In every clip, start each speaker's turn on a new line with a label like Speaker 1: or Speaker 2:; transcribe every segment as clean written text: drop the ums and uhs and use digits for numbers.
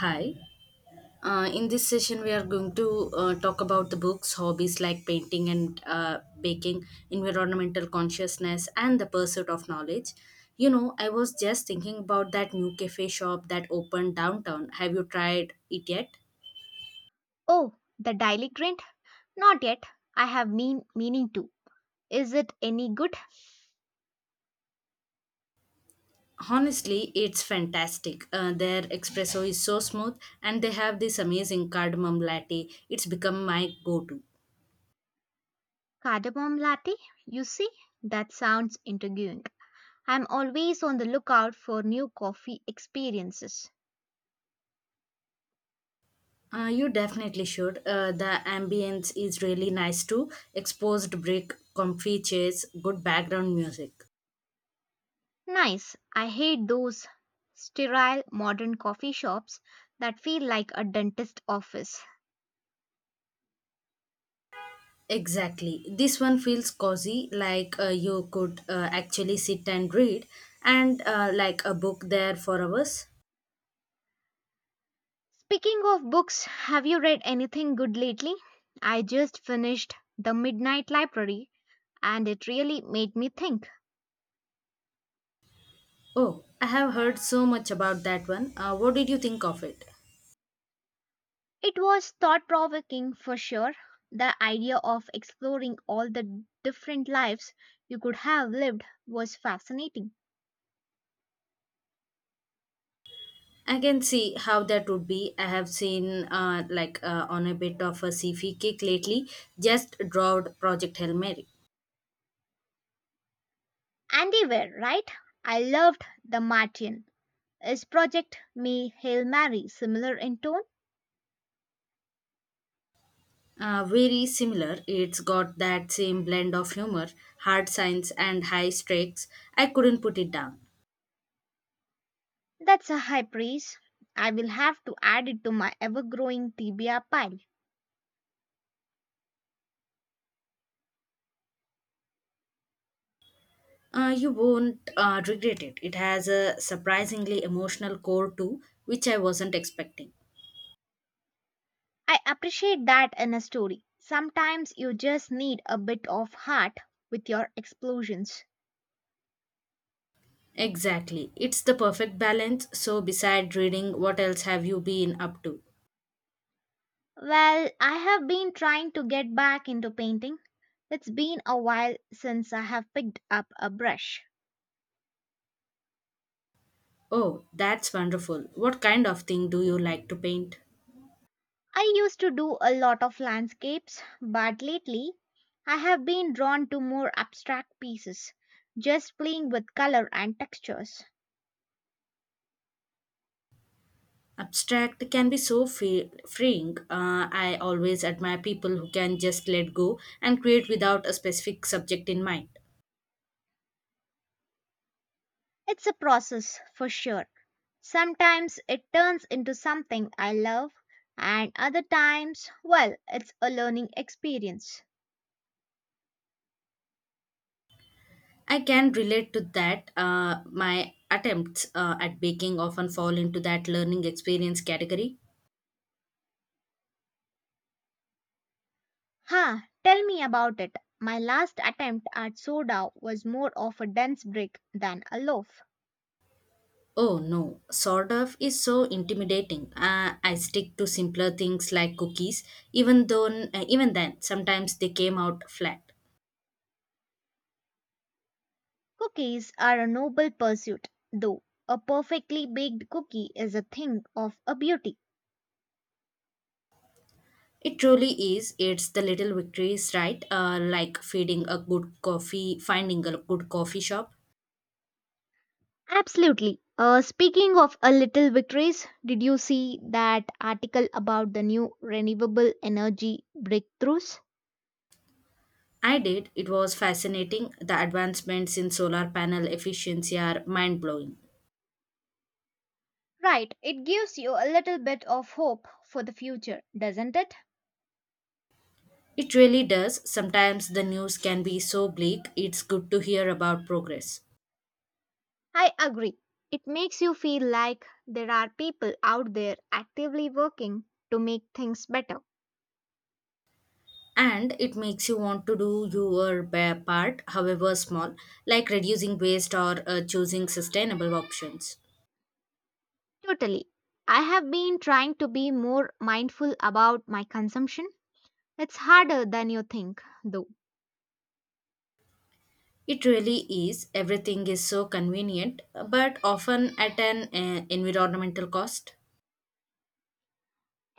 Speaker 1: Hi. In this session, we are going to talk about the books, hobbies like painting and baking, environmental consciousness, and the pursuit of knowledge. You know, I was just thinking about that new cafe shop that opened downtown. Have you tried it yet?
Speaker 2: Oh, the Daily Grind? Not yet. I have been meaning to. Is it any good?
Speaker 1: Honestly, it's fantastic. Their espresso is so smooth, and they have this amazing cardamom latte. It's become my go to.
Speaker 2: Cardamom latte? You see, that sounds intriguing. I'm always on the lookout for new coffee experiences.
Speaker 1: You definitely should. The ambience is really nice too. Exposed brick, comfy chairs, good background music.
Speaker 2: Nice. I hate those sterile modern coffee shops that feel like a dentist office.
Speaker 1: Exactly. This one feels cozy, like you could actually sit and read, and like a book there for hours.
Speaker 2: Speaking of books, have you read anything good lately? I just finished The Midnight Library and it really made me think.
Speaker 1: Oh, I have heard so much about that one. What did you think of it?
Speaker 2: It was thought provoking for sure. The idea of exploring all the different lives you could have lived was fascinating.
Speaker 1: I can see how that would be. I have seen on a bit of a CV kick lately, just drawed Project Hail Mary.
Speaker 2: And they were, right? I loved The Martian. Is Project May Hail Mary similar in tone?
Speaker 1: Very similar. It's got that same blend of humor, hard science, and high stakes. I couldn't put it down.
Speaker 2: That's a high praise. I will have to add it to my ever growing TBR pile.
Speaker 1: You won't regret it. It has a surprisingly emotional core too, which I wasn't expecting.
Speaker 2: I appreciate that in a story. Sometimes you just need a bit of heart with your explosions.
Speaker 1: Exactly. It's the perfect balance. So, beside reading, what else have you been up to?
Speaker 2: Well, I have been trying to get back into painting. It's been a while since I have picked up a brush.
Speaker 1: Oh, that's wonderful. What kind of thing do you like to paint?
Speaker 2: I used to do a lot of landscapes, but lately I have been drawn to more abstract pieces, just playing with color and textures.
Speaker 1: Abstract can be so free, freeing. I always admire people who can just let go and create without a specific subject in mind.
Speaker 2: It's a process for sure. Sometimes it turns into something I love, and other times, well, it's a learning experience.
Speaker 1: I can relate to that. My attempts at baking often fall into that learning experience category.
Speaker 2: Ha, tell me about it. My last attempt at soda was more of a dense brick than a loaf.
Speaker 1: Oh no, sort of is so intimidating. I stick to simpler things like cookies, even though even then sometimes they came out flat.
Speaker 2: Cookies are a noble pursuit, though. A perfectly baked cookie is a thing of a beauty.
Speaker 1: It truly is. It's the little victories, right? Like feeding a good coffee, finding a good coffee shop.
Speaker 2: Absolutely. Speaking of a little victories, did you see that article about the new renewable energy breakthroughs?
Speaker 1: I did. It was fascinating. The advancements in solar panel efficiency are mind blowing.
Speaker 2: Right, it gives you a little bit of hope for the future, doesn't it?
Speaker 1: It really does. Sometimes the news can be so bleak. It's good to hear about progress.
Speaker 2: I agree. It makes you feel like there are people out there actively working to make things better.
Speaker 1: And it makes you want to do your part, however small, like reducing waste or choosing sustainable options.
Speaker 2: Totally. I have been trying to be more mindful about my consumption. It's harder than you think, though.
Speaker 1: It really is. Everything is so convenient, but often at an environmental cost.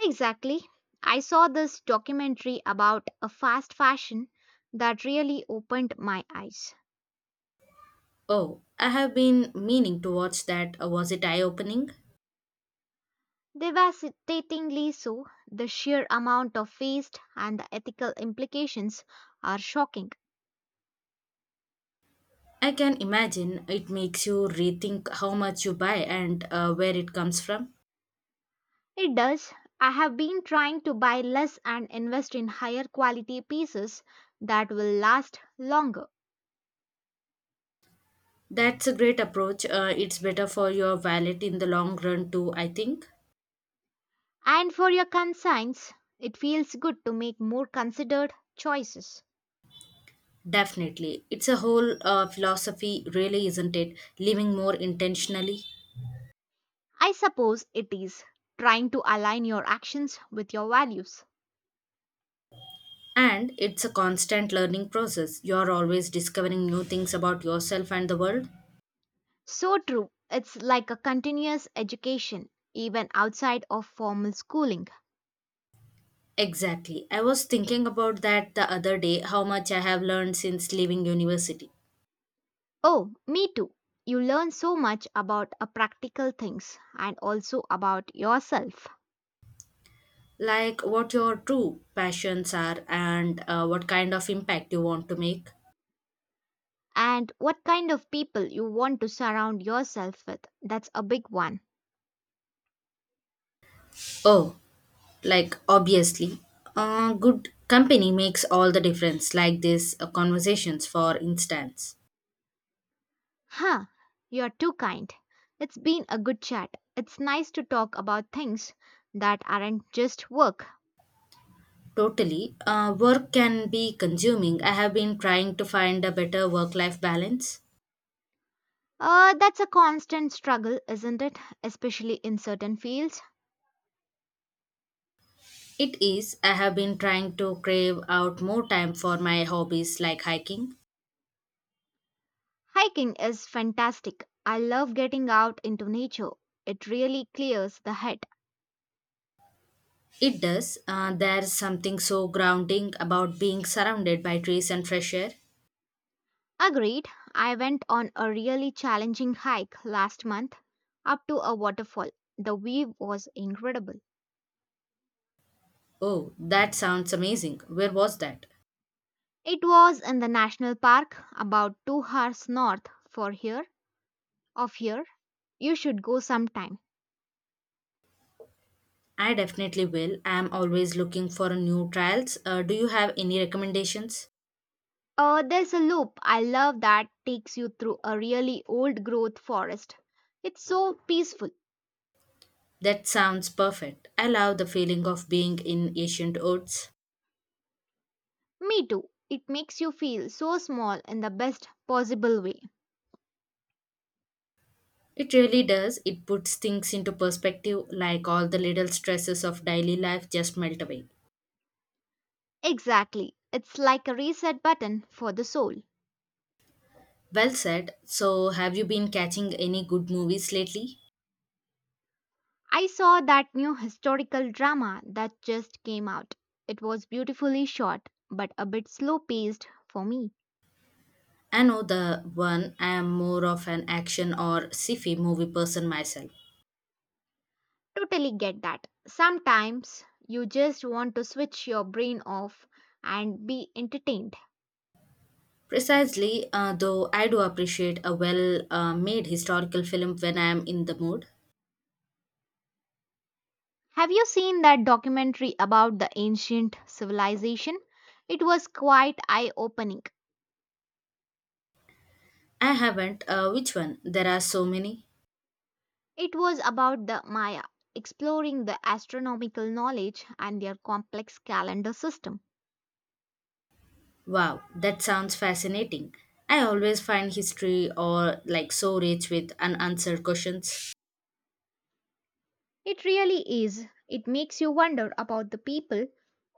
Speaker 2: Exactly. I saw this documentary about a fast fashion that really opened my eyes.
Speaker 1: Oh, I have been meaning to watch that. Was it eye opening?
Speaker 2: Devastatingly so, the sheer amount of waste and the ethical implications are shocking.
Speaker 1: I can imagine it makes you rethink how much you buy and where it comes from.
Speaker 2: It does. I have been trying to buy less and invest in higher quality pieces that will last longer.
Speaker 1: That's a great approach. It's better for your wallet in the long run, too, I think.
Speaker 2: And for your concerns, it feels good to make more considered choices.
Speaker 1: Definitely. It's a whole philosophy, really, isn't it? Living more intentionally.
Speaker 2: I suppose it is trying to align your actions with your values.
Speaker 1: And it's a constant learning process. You're always discovering new things about yourself and the world.
Speaker 2: So true. It's like a continuous education, even outside of formal schooling.
Speaker 1: Exactly. I was thinking about that the other day, how much I have learned since leaving university.
Speaker 2: Oh, me too. You learn so much about practical things and also about yourself.
Speaker 1: Like what your true passions are and what kind of impact you want to make.
Speaker 2: And what kind of people you want to surround yourself with. That's a big one.
Speaker 1: Oh, like obviously, good company makes all the difference, like these conversations, for instance.
Speaker 2: Huh, you're too kind. It's been a good chat. It's nice to talk about things that aren't just work.
Speaker 1: Totally. Work can be consuming. I have been trying to find a better work life balance.
Speaker 2: That's a constant struggle, isn't it? Especially in certain fields.
Speaker 1: It is. I have been trying to crave out more time for my hobbies like hiking.
Speaker 2: Hiking is fantastic. I love getting out into nature. It really clears the head.
Speaker 1: It does. There's something so grounding about being surrounded by trees and fresh air.
Speaker 2: Agreed, I went on a really challenging hike last month up to a waterfall. The view was incredible.
Speaker 1: Oh, that sounds amazing. Where was that?
Speaker 2: It was in the national park about 2 hours north for here of here. You should go sometime.
Speaker 1: I definitely will. I am always looking for new trials. Do you have any recommendations?
Speaker 2: There's a loop I love that takes you through a really old growth forest. It's so peaceful.
Speaker 1: That sounds perfect. I love the feeling of being in ancient woods.
Speaker 2: Me too. It makes you feel so small in the best possible way.
Speaker 1: It really does. It puts things into perspective, like all the little stresses of daily life just melt away.
Speaker 2: Exactly. It's like a reset button for the soul.
Speaker 1: Well said. So, have you been catching any good movies lately?
Speaker 2: I saw that new historical drama that just came out. It was beautifully shot, but a bit slow paced for me.
Speaker 1: I know the one. I am more of an action or sci-fi movie person myself.
Speaker 2: Totally get that. Sometimes you just want to switch your brain off and be entertained.
Speaker 1: Precisely, though I do appreciate a well made historical film when I am in the mood.
Speaker 2: Have you seen that documentary about the ancient civilization? It was quite eye opening.
Speaker 1: I haven't. Which one? There are so many.
Speaker 2: It was about the Maya, exploring the astronomical knowledge and their complex calendar system.
Speaker 1: Wow, that sounds fascinating. I always find history or like so rich with unanswered questions,
Speaker 2: It really is. It makes you wonder about the people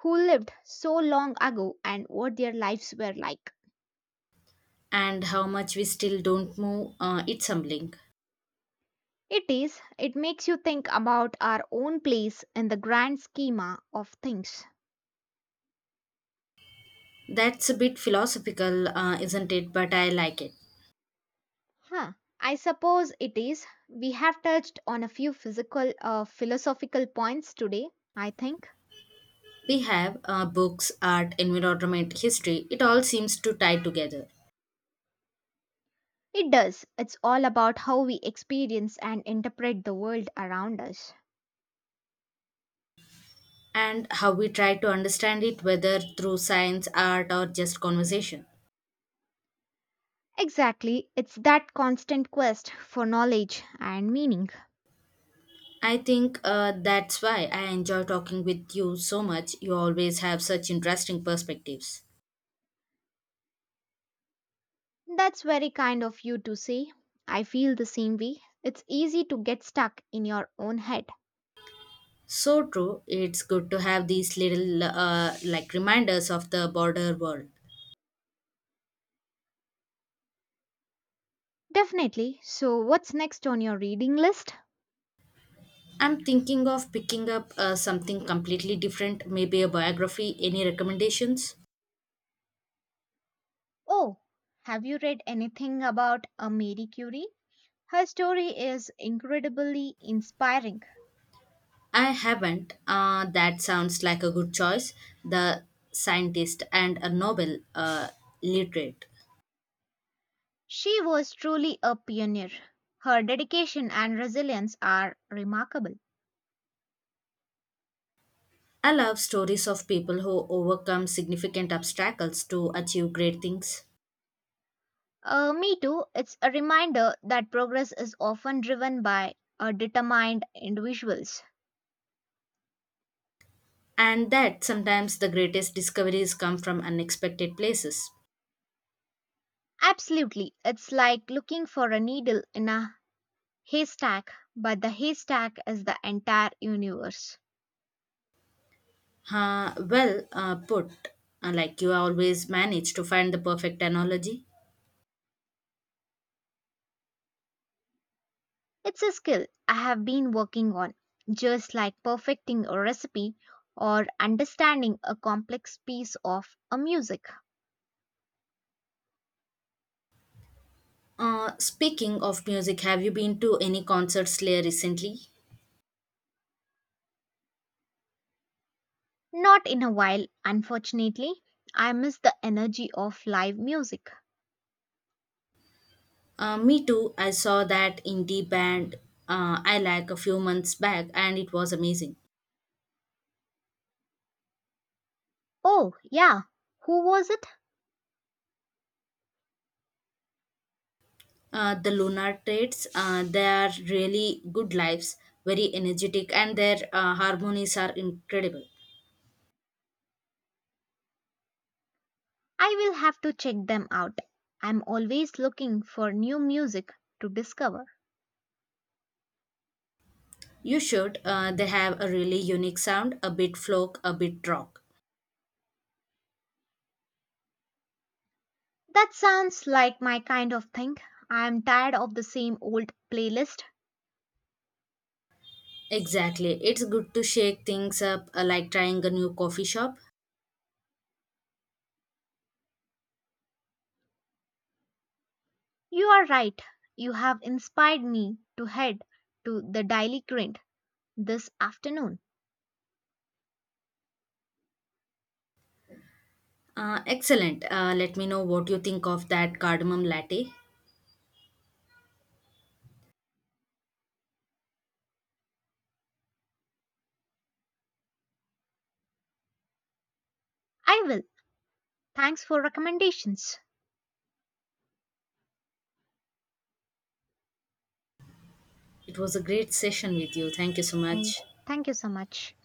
Speaker 2: who lived so long ago and what their lives were like.
Speaker 1: and how much we still don't know, it's humbling.
Speaker 2: It is. It makes you think about our own place in the grand schema of things.
Speaker 1: That's a bit philosophical, isn't it? But I like it.
Speaker 2: Huh. I suppose it is. We have touched on a few physical, philosophical points today, I think.
Speaker 1: We have books, art, environment, history. It all seems to tie together.
Speaker 2: It does. It's all about how we experience and interpret the world around us.
Speaker 1: And how we try to understand it, whether through science, art, or just conversation.
Speaker 2: Exactly. It's that constant quest for knowledge and meaning.
Speaker 1: I think that's why I enjoy talking with you so much. You always have such interesting perspectives.
Speaker 2: That's very kind of you to say. I feel the same way. It's easy to get stuck in your own head.
Speaker 1: So true. It's good to have these little reminders of the border world.
Speaker 2: Definitely. So, what's next on your reading list?
Speaker 1: I'm thinking of picking up something completely different, maybe a biography. Any recommendations?
Speaker 2: Oh, have you read anything about a Marie Curie? Her story is incredibly inspiring.
Speaker 1: I haven't. That sounds like a good choice. The scientist and a Nobel literate.
Speaker 2: She was truly a pioneer. Her dedication and resilience are remarkable.
Speaker 1: I love stories of people who overcome significant obstacles to achieve great things.
Speaker 2: Me too. It's a reminder that progress is often driven by determined individuals.
Speaker 1: And that sometimes the greatest discoveries come from unexpected places.
Speaker 2: Absolutely. It's like looking for a needle in a haystack, but the haystack is the entire universe.
Speaker 1: Well put, like you always manage to find the perfect analogy.
Speaker 2: It's a skill I have been working on, just like perfecting a recipe or understanding a complex piece of a music.
Speaker 1: Speaking of music, have you been to any concerts here recently?
Speaker 2: Not in a while, unfortunately. I miss the energy of live music.
Speaker 1: Me too. I saw that indie band I like a few months back, and it was amazing.
Speaker 2: Oh, yeah. Who was it?
Speaker 1: The Lunar Traits, they are really good lives, very energetic, and their harmonies are incredible.
Speaker 2: I will have to check them out. I'm always looking for new music to discover.
Speaker 1: You should. They have a really unique sound, a bit folk, a bit rock.
Speaker 2: That sounds like my kind of thing. I'm tired of the same old playlist.
Speaker 1: Exactly. It's good to shake things up, like trying a new coffee shop.
Speaker 2: You are right. You have inspired me to head to the Daily Grind this afternoon.
Speaker 1: Excellent. Let me know what you think of that cardamom latte.
Speaker 2: I will. Thanks for recommendations.
Speaker 1: It was a great session with you. Thank you so
Speaker 2: Thank you
Speaker 1: much.
Speaker 2: Thank you so much.